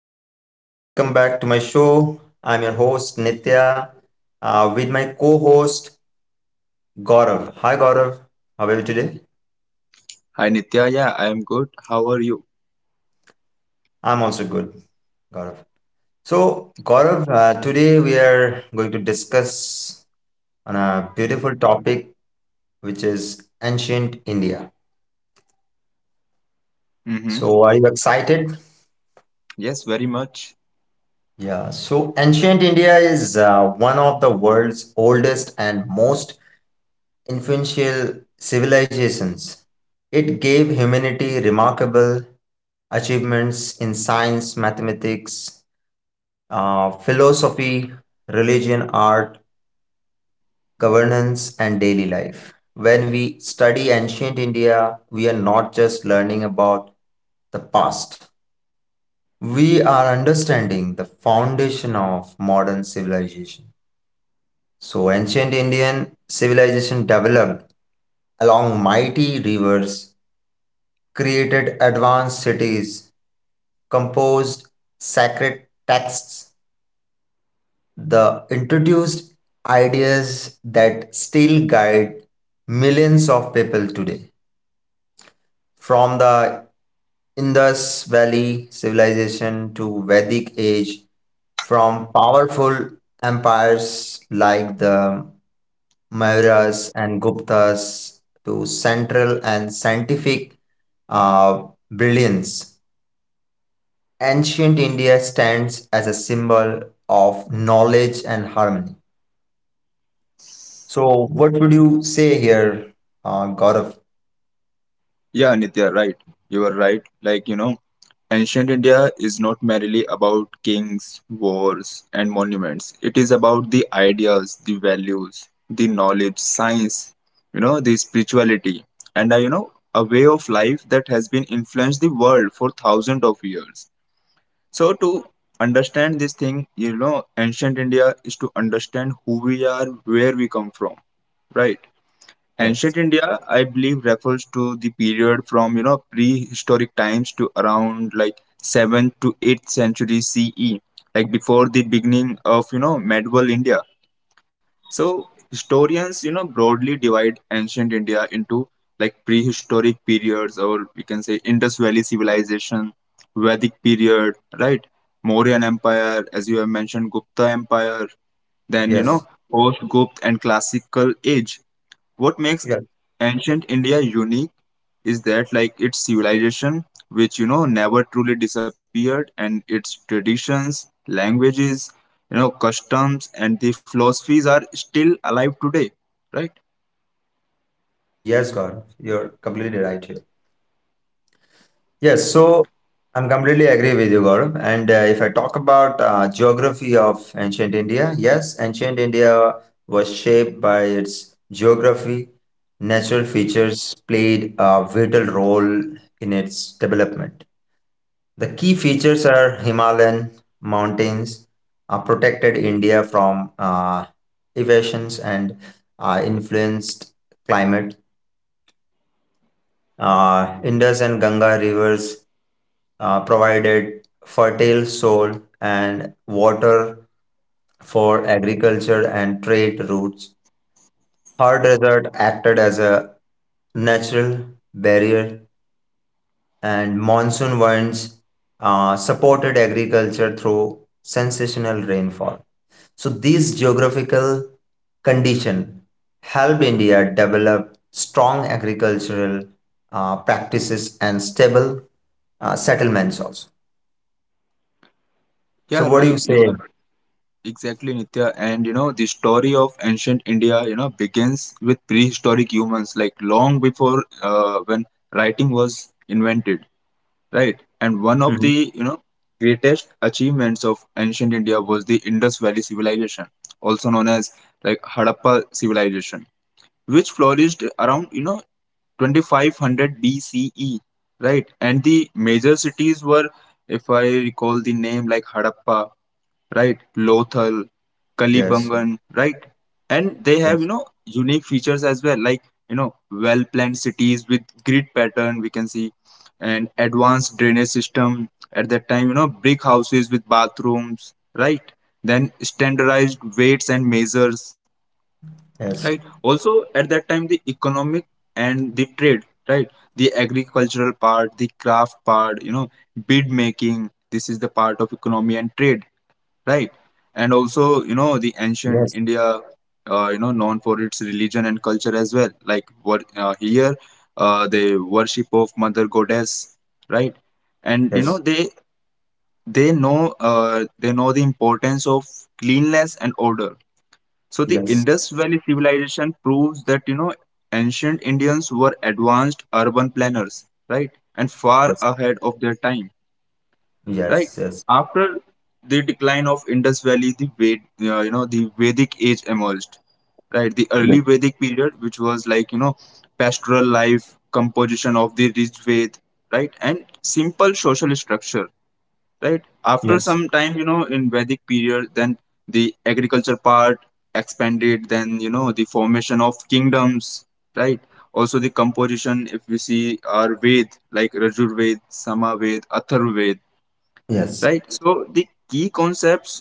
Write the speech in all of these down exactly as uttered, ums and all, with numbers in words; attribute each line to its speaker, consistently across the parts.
Speaker 1: Hi everyone, welcome back to my show. I'm your host Nitya uh, with my co host Gaurav. Hi Gaurav, how are you today?
Speaker 2: Hi Nitya, yeah, I'm good. How are you?
Speaker 1: I'm also good, Gaurav. So, Gaurav, uh, today we are going to discuss on a beautiful topic which is ancient India.
Speaker 2: Mm-hmm.
Speaker 1: So, are you excited?
Speaker 2: Yes, very much.
Speaker 1: Yeah, so ancient India is uh, one of the world's oldest and most influential civilizations. It gave humanity remarkable achievements in science, mathematics, uh, philosophy, religion, art, governance, and daily life. When we study ancient India, we are not just learning about the past. We are understanding the foundation of modern civilization. So, ancient Indian civilization developed along mighty rivers, created advanced cities, composed sacred texts, the introduced ideas that still guide millions of people today. From the Indus Valley civilization to Vedic age, from powerful empires like the Mauryas and Guptas to central and scientific uh, brilliance. Ancient India stands as a symbol of knowledge and harmony. So, what would you say here, uh, Gaurav?
Speaker 2: Yeah, Nitya, right. You are right. Like, you know, ancient India is not merely about kings, wars, and monuments. It is about the ideas, the values, the knowledge, science, you know, the spirituality, and, uh, you know, a way of life that has been influenced the world for thousands of years. So to understand this thing, you know, ancient India is to understand who we are, where we come from, right? Ancient
Speaker 1: Yes.
Speaker 2: India, I believe, refers to the period from you know prehistoric times to around like seventh to eighth century C E, like before the beginning of you know medieval India. So historians, you know, broadly divide ancient India into like prehistoric periods, or we can say Indus Valley civilization, Vedic period, right? Mauryan Empire, as you have mentioned, Gupta Empire, then you know,
Speaker 1: Yes.
Speaker 2: post Gupta and classical age. What makes
Speaker 1: Yeah.
Speaker 2: ancient India unique is that like its civilization, which you know never truly disappeared, and its traditions, languages, you know, customs, and the philosophies are still alive today, right?
Speaker 1: Yes, Gaurav. You're completely right here. Yes. So, I'm completely agree with you, Gaurav. And uh, if I talk about uh, geography of ancient India, yes, ancient India was shaped by its geography. Natural features played a vital role in its development. The key features are Himalayan mountains, uh, protected India from uh, evasions and uh, influenced climate. Uh, Indus and Ganga rivers uh, provided fertile soil and water for agriculture and trade routes. Hard desert acted as a natural barrier, and monsoon winds uh, supported agriculture through sensational rainfall. So these geographical condition help India develop strong agricultural uh, practices and stable uh, settlements also. So
Speaker 2: Yeah,
Speaker 1: what do
Speaker 2: right.
Speaker 1: you
Speaker 2: You
Speaker 1: say?
Speaker 2: are exactly Nitya, and you know the story of ancient India, you know, begins with prehistoric humans, like long before uh, when writing was invented. Right? And one of
Speaker 1: Mhm.
Speaker 2: the you know greatest achievements of ancient India was the Indus Valley civilization, also known as like Harappa civilization which flourished around you know twenty-five hundred B C E, right? And the major cities were, if I recall the name, like Harappa, right? Lothal,
Speaker 1: Yes,
Speaker 2: Kalibangan, right? And they have, you
Speaker 1: yes,
Speaker 2: know, unique features as well, like, you know, well planned cities with grid pattern, we can see, and advanced drainage system at that time, you know, brick houses with bathrooms, right? Then standardized weights and measures, right.
Speaker 1: yes,
Speaker 2: Also at that time the economic and the trade, right, the agricultural part, the craft part, you know bead making, this is the part of economy and trade, right. And also you know the ancient
Speaker 1: yes,
Speaker 2: India, uh, you know known for its religion and culture as well, like what uh, here, uh, the worship of mother goddess, right. And you know
Speaker 1: yes,
Speaker 2: they they know uh, they know the importance of cleanliness and order. So the
Speaker 1: yes,
Speaker 2: Indus Valley civilization proves that you know ancient Indians were advanced urban planners, right? And far
Speaker 1: yes,
Speaker 2: ahead of their time,
Speaker 1: yes,
Speaker 2: right?
Speaker 1: yes, yes,
Speaker 2: After the decline of Indus Valley, the Ved, uh, you know the Vedic age emerged, right? The early Vedic period, which was like you know pastoral life, composition of the rich Ved, right, and simple social structure, right. After
Speaker 1: yes,
Speaker 2: some time you know in Vedic period, then the agriculture part expanded, then you know the formation of kingdoms, right. Also the composition, if we see our Ved like Rajur Ved, Samaved, Atharvaved,
Speaker 1: yes.
Speaker 2: right. So the key concepts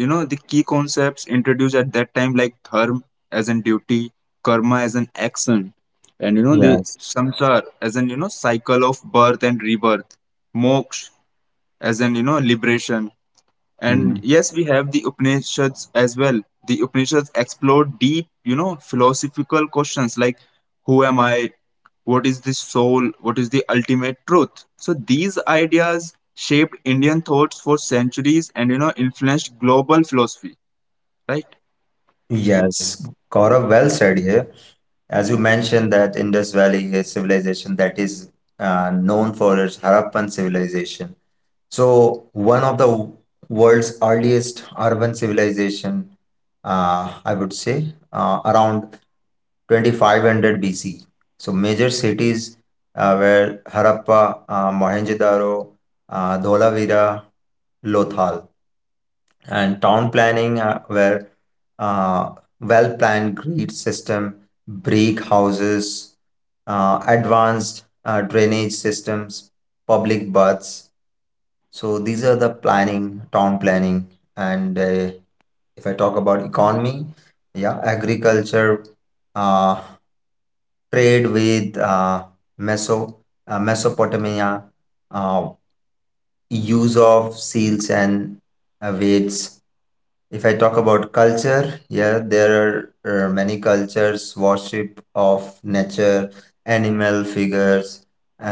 Speaker 2: you know the key concepts introduced at that time, like dharma as in duty, karma as an action, and you know the
Speaker 1: Yes.
Speaker 2: samsar as an you know cycle of birth and rebirth, moksha as an you know liberation. And
Speaker 1: Mm-hmm.
Speaker 2: yes, we have the Upanishads as well. The Upanishads explore deep, you know, philosophical questions like who am I? What is the soul? What is the ultimate truth? So these ideas shaped Indian thoughts for centuries and, you know, influenced global philosophy, right?
Speaker 1: Yes, Gaurav, well said here. As you mentioned that Indus Valley is civilization that is uh, known for its Harappan civilization. So one of the world's earliest urban civilization, uh, I would say, uh, around twenty-five hundred B C. So major cities uh, were Harappa, uh, Mohenjo-daro, uh, Dholavira, Lothal, and town planning uh, where uh, well planned grid system, brick houses, uh, advanced uh, drainage systems, public baths. So these are the planning, town planning. And uh, if I talk about economy, yeah, agriculture, uh, trade with uh, Meso, uh, Mesopotamia, uh, use of seals and uh, weights. If I talk about culture, yeah, there are uh, many cultures, worship of nature, animal figures,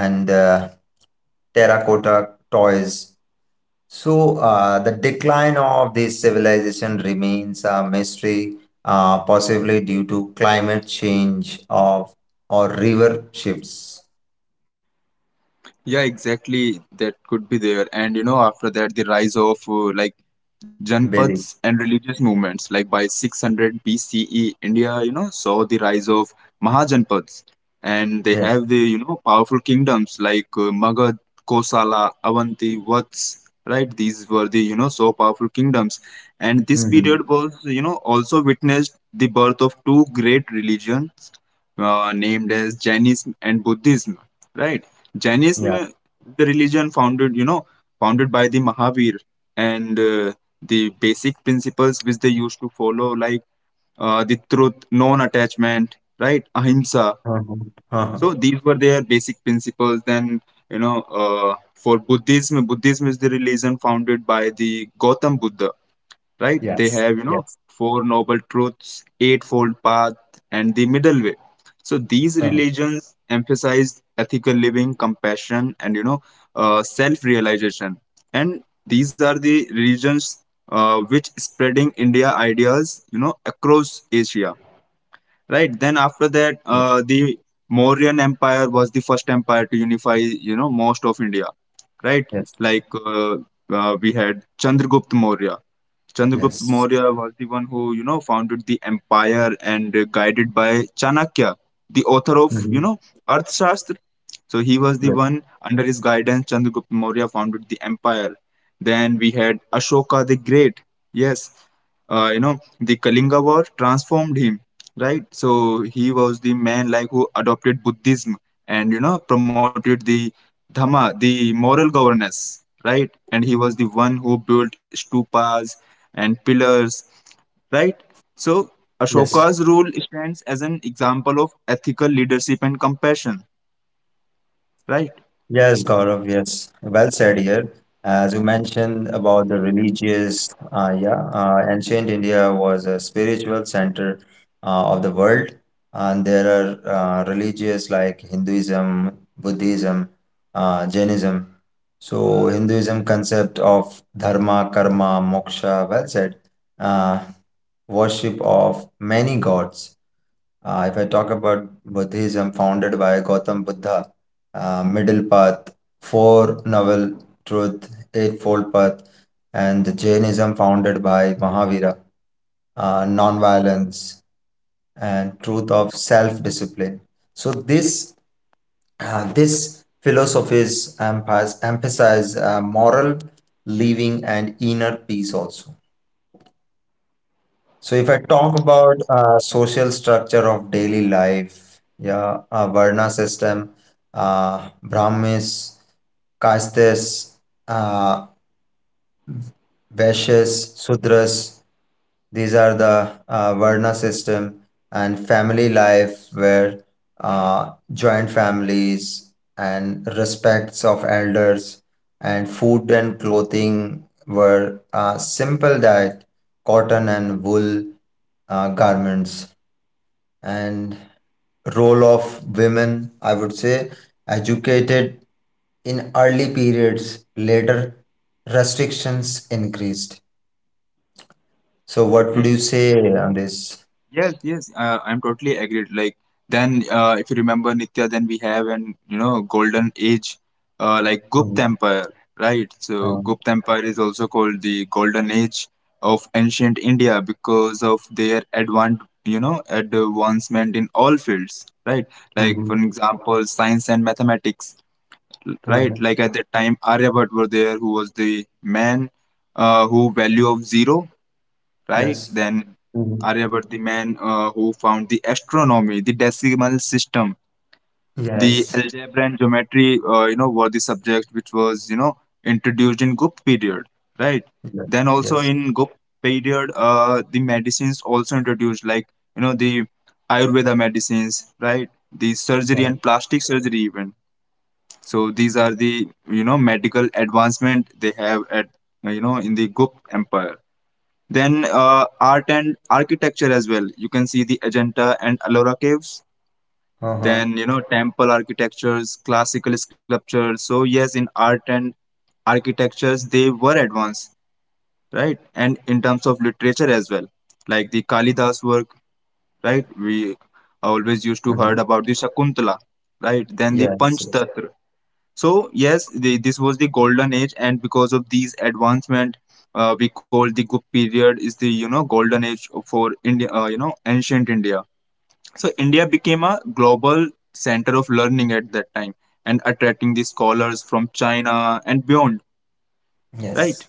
Speaker 1: and uh, terracotta toys. So uh, the decline of this civilization remains a mystery, uh, possibly due to climate change of or river shifts.
Speaker 2: Yeah, exactly. That could be there. And you know, after that, the rise of uh, like Janpaths
Speaker 1: Bedi.
Speaker 2: and religious movements, like by six hundred B C E, India, you know, saw the rise of Mahajanpaths. And they have
Speaker 1: Yes.
Speaker 2: the, you know, powerful kingdoms like uh, Magad, Kosala, Avanti, Vats, right? These were the, you know, so powerful kingdoms. And this
Speaker 1: Hmm.
Speaker 2: period was, you know, also witnessed the birth of two great religions uh, named as Jainism and Buddhism, right? Jainism,
Speaker 1: Yeah.
Speaker 2: uh, the religion founded, you know, founded by the Mahavir, and uh, the basic principles which they used to follow, like uh, the truth, non-attachment, right, ahimsa.
Speaker 1: Uh-huh. Uh-huh.
Speaker 2: So these were their basic principles. Then you know, uh, for Buddhism, Buddhism is the religion founded by the Gautam Buddha, right? They
Speaker 1: Yes.
Speaker 2: have, you know,
Speaker 1: Yes.
Speaker 2: four noble truths, eightfold path, and the middle way. So these
Speaker 1: Uh-huh.
Speaker 2: religions emphasize ethical living, compassion, and you know, uh, self-realization. And these are the religions uh, which spreading India ideas, you know, across Asia, right? Then after that,
Speaker 1: Yes.
Speaker 2: uh, the Mauryan Empire was the first empire to unify, you know, most of India, right?
Speaker 1: Yes.
Speaker 2: Like uh, uh, we had Chandragupta Maurya Chandragupta
Speaker 1: Yes.
Speaker 2: Maurya was the one who, you know, founded the empire and uh, guided by Chanakya, the author of, you
Speaker 1: Mm-hmm.
Speaker 2: know, Arthashastra. So he was the
Speaker 1: Yes,
Speaker 2: one, under his guidance, Chandragupta Maurya founded the empire. Then we had Ashoka the Great. Yes, uh, you know, the Kalinga War transformed him, right? So he was the man like who adopted Buddhism and you know promoted the Dhamma, the moral governance, right? And he was the one who built stupas and pillars, right? So
Speaker 1: yes,
Speaker 2: Ashoka's rule stands as an example of ethical leadership and compassion, right?
Speaker 1: yes, Gaurav, yes. Well said here. As you mentioned about the religious, uh, yeah, uh, ancient India was a spiritual center uh, of the world, and there are uh, religious like Hinduism, Buddhism, uh, Jainism. So Hinduism concept of dharma, karma, moksha, well said, uh, worship of many gods. Uh, if I talk about Buddhism founded by Gautam Buddha, uh, Middle Path, Four Novel Truth, Eightfold Path, and Jainism founded by Mahavira, uh, Nonviolence, and Truth of Self-Discipline. So this uh, this philosophies emphasize, emphasize uh, moral living and inner peace also. So if I talk about uh, social structure of daily life, yeah, uh, Varna system, uh, Brahmins, castes, uh, Vaishyas, Sudras, these are the uh, Varna system, and family life where uh, joint families and respects of elders, and food and clothing were uh, simple diet, cotton and wool uh, garments. And role of women, I would say, educated in early periods, later restrictions increased. So what would you
Speaker 2: Mm-hmm.
Speaker 1: say on this?
Speaker 2: Yes, yes, uh, I'm totally agreed. Like then, uh, if you remember Nitya, then we have an you know golden age, uh, like Gupta
Speaker 1: Um,
Speaker 2: Empire, right? So
Speaker 1: um,
Speaker 2: Gupta Empire is also called the golden age of ancient India because of their advant you know advancement in all fields, right? Like
Speaker 1: mhm,
Speaker 2: for example, science and mathematics, l- right?
Speaker 1: mhm,
Speaker 2: Like at that time, Aryabhat were there, who was the man uh, who value of zero, right?
Speaker 1: yes,
Speaker 2: Then
Speaker 1: mhm,
Speaker 2: Aryabhata, the man uh, who found the astronomy, the decimal system, the
Speaker 1: yes,
Speaker 2: algebra and geometry, uh, you know, were the subject which was, you know, introduced in Gupta period, right?
Speaker 1: yeah,
Speaker 2: Then also
Speaker 1: yes,
Speaker 2: in Gupta period, uh, the medicines also introduced, like, you know, the Ayurveda medicines, right? The
Speaker 1: yeah,
Speaker 2: surgery and plastic surgery even. So these are the, you know, medical advancement they have at, uh, you know, in the Gupta empire. Then uh, art and architecture as well. You can see the Ajanta and Ellora caves.
Speaker 1: uh-huh,
Speaker 2: Then you know temple architectures, classical sculptures. So yes, in art and architectures they were advanced, right? And in terms of literature as well, like the Kalidas work, right? We always used to
Speaker 1: mhm,
Speaker 2: heard about the Shakuntala, right? Then the
Speaker 1: yes. Yes.
Speaker 2: Panchtatra. So yes, the, this was the golden age, and because of these advancement, uh, we call the Gupta period is the you know golden age for India. Uh, you know ancient India. So India became a global center of learning at that time, and attracting the scholars from China and beyond.
Speaker 1: Yes.
Speaker 2: Right?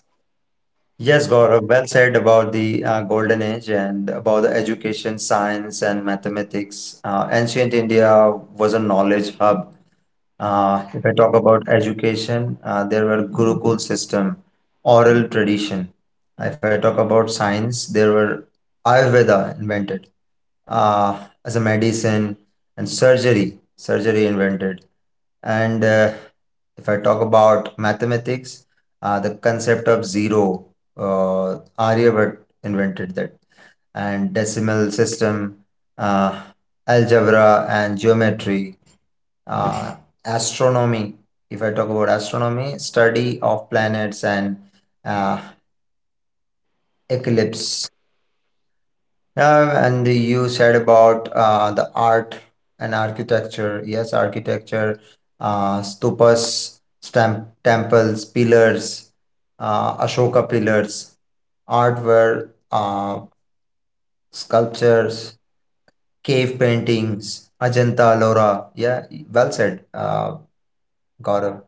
Speaker 1: Yes, Gaurav, well said about the uh, golden age and about the education, science, and mathematics. Uh, ancient India was a knowledge hub. Uh, if I talk about education, uh, there were Gurukul system, oral tradition. Uh, If I talk about science, there were Ayurveda invented uh, as a medicine, and surgery, surgery invented. And uh, if I talk about mathematics, uh, the concept of zero, uh, Aryabhat invented that, and decimal system, uh, algebra, and geometry, uh, astronomy. If I talk about astronomy, study of planets and uh, eclipse. Uh, and you said about uh, the art and architecture, yes, architecture, uh, stupas, stamp, temples, pillars, uh, Ashoka pillars, art were uh, sculptures, cave paintings, Ajanta Lora. Yeah, well said, uh, Gaurav.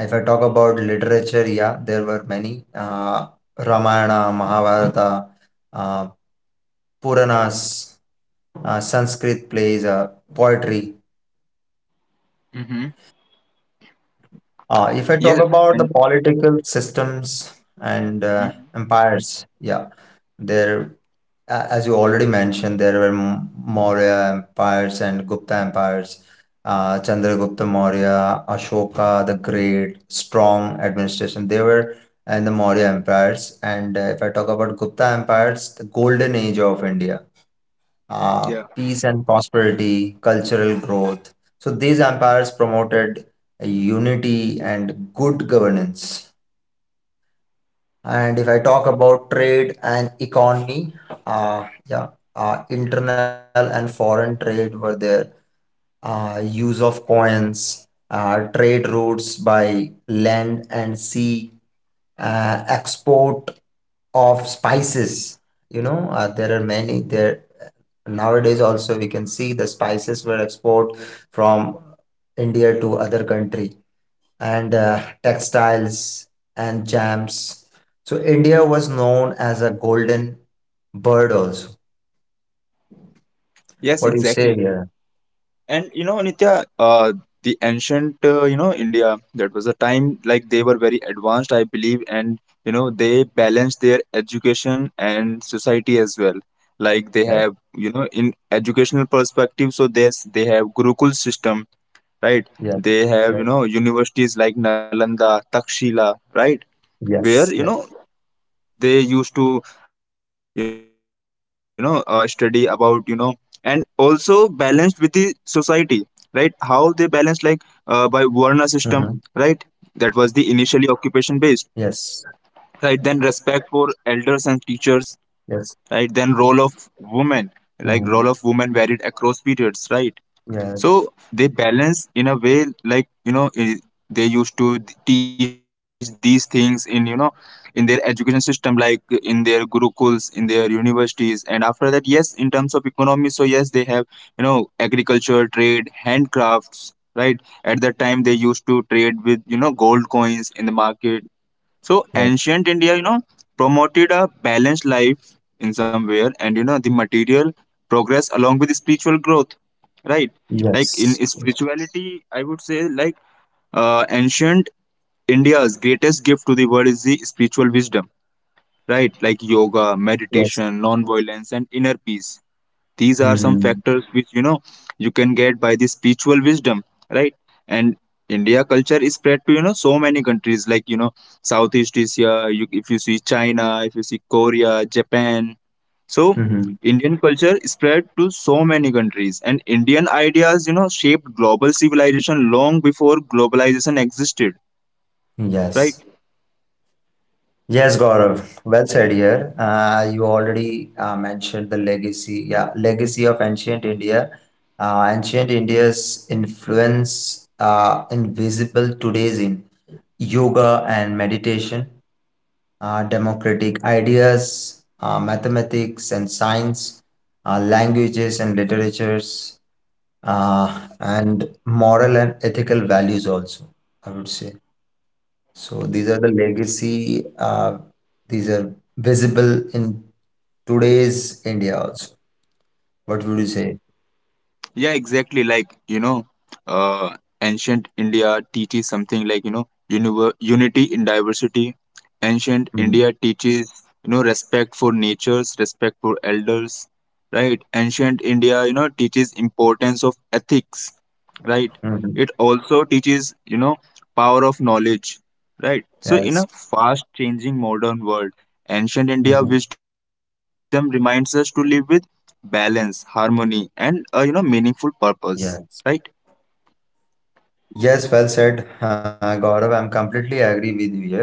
Speaker 1: If I talk about literature, yeah, there were many uh, Ramayana, Mahabharata, uh, Puranas, uh, Sanskrit plays, uh, poetry.
Speaker 2: Hmm.
Speaker 1: Uh, if I talk
Speaker 2: Yes.
Speaker 1: about the
Speaker 2: And
Speaker 1: political systems and uh,
Speaker 2: Mhm.
Speaker 1: empires, yeah, there a- as you already mentioned, there were M- Maurya empires and Gupta empires. Uh, Chandragupta Maurya, Ashoka the Great, strong administration. They were in the Maurya empires. And uh, if I talk about Gupta empires, the golden age of India, uh,
Speaker 2: Yeah.
Speaker 1: peace and prosperity, cultural growth. So these empires promoted unity and good governance. And if I talk about trade and economy, uh, yeah, uh, internal and foreign trade were there. Uh, use of coins, uh, trade routes by land and sea, uh, export of spices. You know, uh, there are many there. Nowadays, also we can see the spices were export from India to other country, and uh, textiles and jams. So India was known as a golden bird also.
Speaker 2: Yes,
Speaker 1: What do you say
Speaker 2: exactly.
Speaker 1: here?
Speaker 2: And you know, Nitya, uh, the ancient, uh, you know, India, that was a time like they were very advanced, I believe, and you know, they balanced their education and society as well. Like they
Speaker 1: Yes,
Speaker 2: have, you know, in educational perspective, so there's they have Gurukul system, right?
Speaker 1: yes,
Speaker 2: They have, you
Speaker 1: yes,
Speaker 2: know, universities like Nalanda, Takshila, right? Where, you
Speaker 1: yes, yes,
Speaker 2: know, they used to you know uh, study about you know and also balanced with the society, right. How they balance like uh, by varna system, right. That was
Speaker 1: hmm,
Speaker 2: the initially occupation based, right. Then
Speaker 1: yes,
Speaker 2: respect for elders and teachers, right. Then
Speaker 1: yes,
Speaker 2: role of women, like role of women
Speaker 1: mhm,
Speaker 2: varied across periods, right. So
Speaker 1: yeah,
Speaker 2: they balance in a way like you know i- they used to teach these things in you know in their education system, like in their gurukuls, in their universities. And after that, yes, in terms of economy, so yes they have you know agriculture, trade, handcrafts, right. At that time they used to trade with you know gold coins in the market. So
Speaker 1: yeah,
Speaker 2: ancient India, you know, promoted a balanced life in somewhere, and you know the material progress along with spiritual growth, right? Like in
Speaker 1: yes, yes,
Speaker 2: spirituality, I would say, like uh, ancient India's greatest gift to the world is the spiritual wisdom, right? Like yoga,
Speaker 1: yes,
Speaker 2: meditation, non-violence, and inner peace. These are some
Speaker 1: hmm,
Speaker 2: factors which you know you can get by the spiritual wisdom, right? And India culture is spread to you know so many countries, like you know Southeast Asia. You, if you see China, if you see Korea, Japan, so
Speaker 1: hmm,
Speaker 2: Indian culture is spread to so many countries, and Indian ideas you know shaped global civilization long before globalization existed, right?
Speaker 1: yes. Yes, Gaurav. Well said here. Uh, you already uh, mentioned the legacy, yeah, legacy of ancient India. Uh, ancient India's influence uh, invisible today's in yoga and meditation, uh, democratic ideas, uh, mathematics and science, uh, languages and literatures, uh, and moral and ethical values also, I would say. So these are the legacy, uh, these are visible in today's India also. What would you say?
Speaker 2: Yeah, exactly. Like, you know, uh, ancient India teaches something like, you know, univer- unity in diversity. Ancient
Speaker 1: Mhm.
Speaker 2: India teaches, you know, respect for natures, respect for elders, right? Ancient India, you know, teaches importance of ethics, right?
Speaker 1: Mhm.
Speaker 2: It also teaches, you know, power of knowledge, right? So in a
Speaker 1: Yes.
Speaker 2: fast changing modern world, ancient India
Speaker 1: Mhm.
Speaker 2: wisdom reminds us to live with balance, harmony, and uh, you know meaningful purpose, right?
Speaker 1: Yes. Yes, well said, uh, Gaurav. I'm completely agree with you here.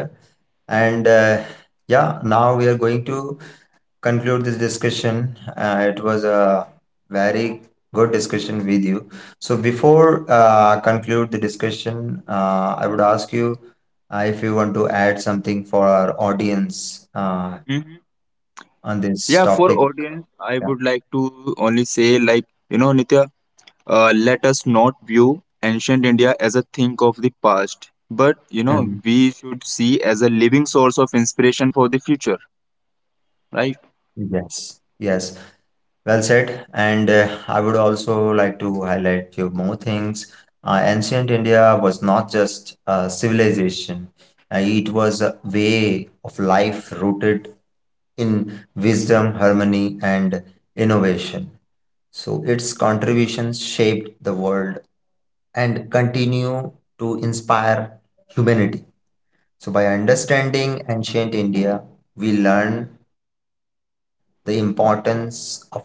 Speaker 1: And uh, yeah, now we are going to conclude this discussion. Uh, it was a very good discussion with you. So before uh, conclude the discussion, uh, I would ask you uh, if you want to add something for our audience uh,
Speaker 2: Hmm.
Speaker 1: on this
Speaker 2: Yeah, for
Speaker 1: topic.
Speaker 2: audience, I
Speaker 1: Yeah.
Speaker 2: would like to only say like you know Nitya, uh, let us not view ancient India as a thing of the past, but you know
Speaker 1: Mhm.
Speaker 2: we should see as a living source of inspiration for the future, right?
Speaker 1: Yes. Yes. Well said. And uh, I would also like to highlight few more things. Uh, ancient India was not just a civilization, uh, it was a way of life rooted in wisdom, harmony, and innovation. So its contributions shaped the world and continue to inspire humanity. So, by understanding ancient India, we learn the importance of knowledge,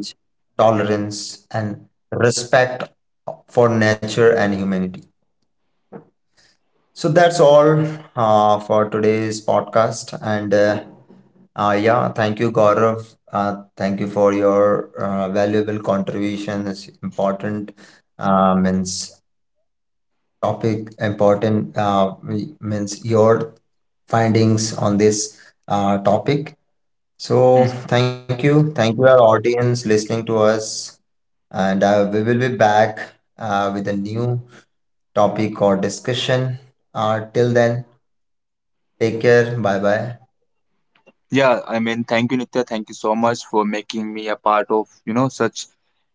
Speaker 1: tolerance, and respect for nature and humanity. So, that's all uh, for today's podcast. And uh, uh, yeah, thank you, Gaurav. Uh, thank you for your uh, valuable contributions. Important uh, means topic important, uh, we- means your findings on this uh, topic. So
Speaker 2: Mhm.
Speaker 1: thank you, thank you our audience listening to us, and uh, we will be back uh, with a new topic or discussion. Uh, till then, take care. Bye bye.
Speaker 2: Yeah, I mean, thank you, Nitya. Thank you so much for making me a part of, you know, such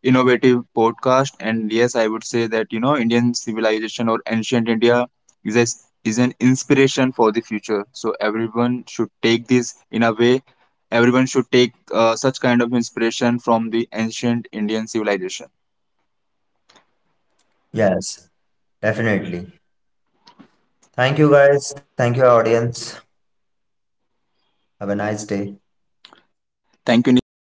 Speaker 2: innovative podcast. And yes, I would say that, you know, Indian civilization or ancient India is a, is an inspiration for the future. So everyone should take this in a way. Everyone should take uh, such kind of inspiration from the ancient Indian civilization.
Speaker 1: Yes, definitely. Thank you guys. Thank you, audience. Have a nice day.
Speaker 2: Thank you, Nitya. Thank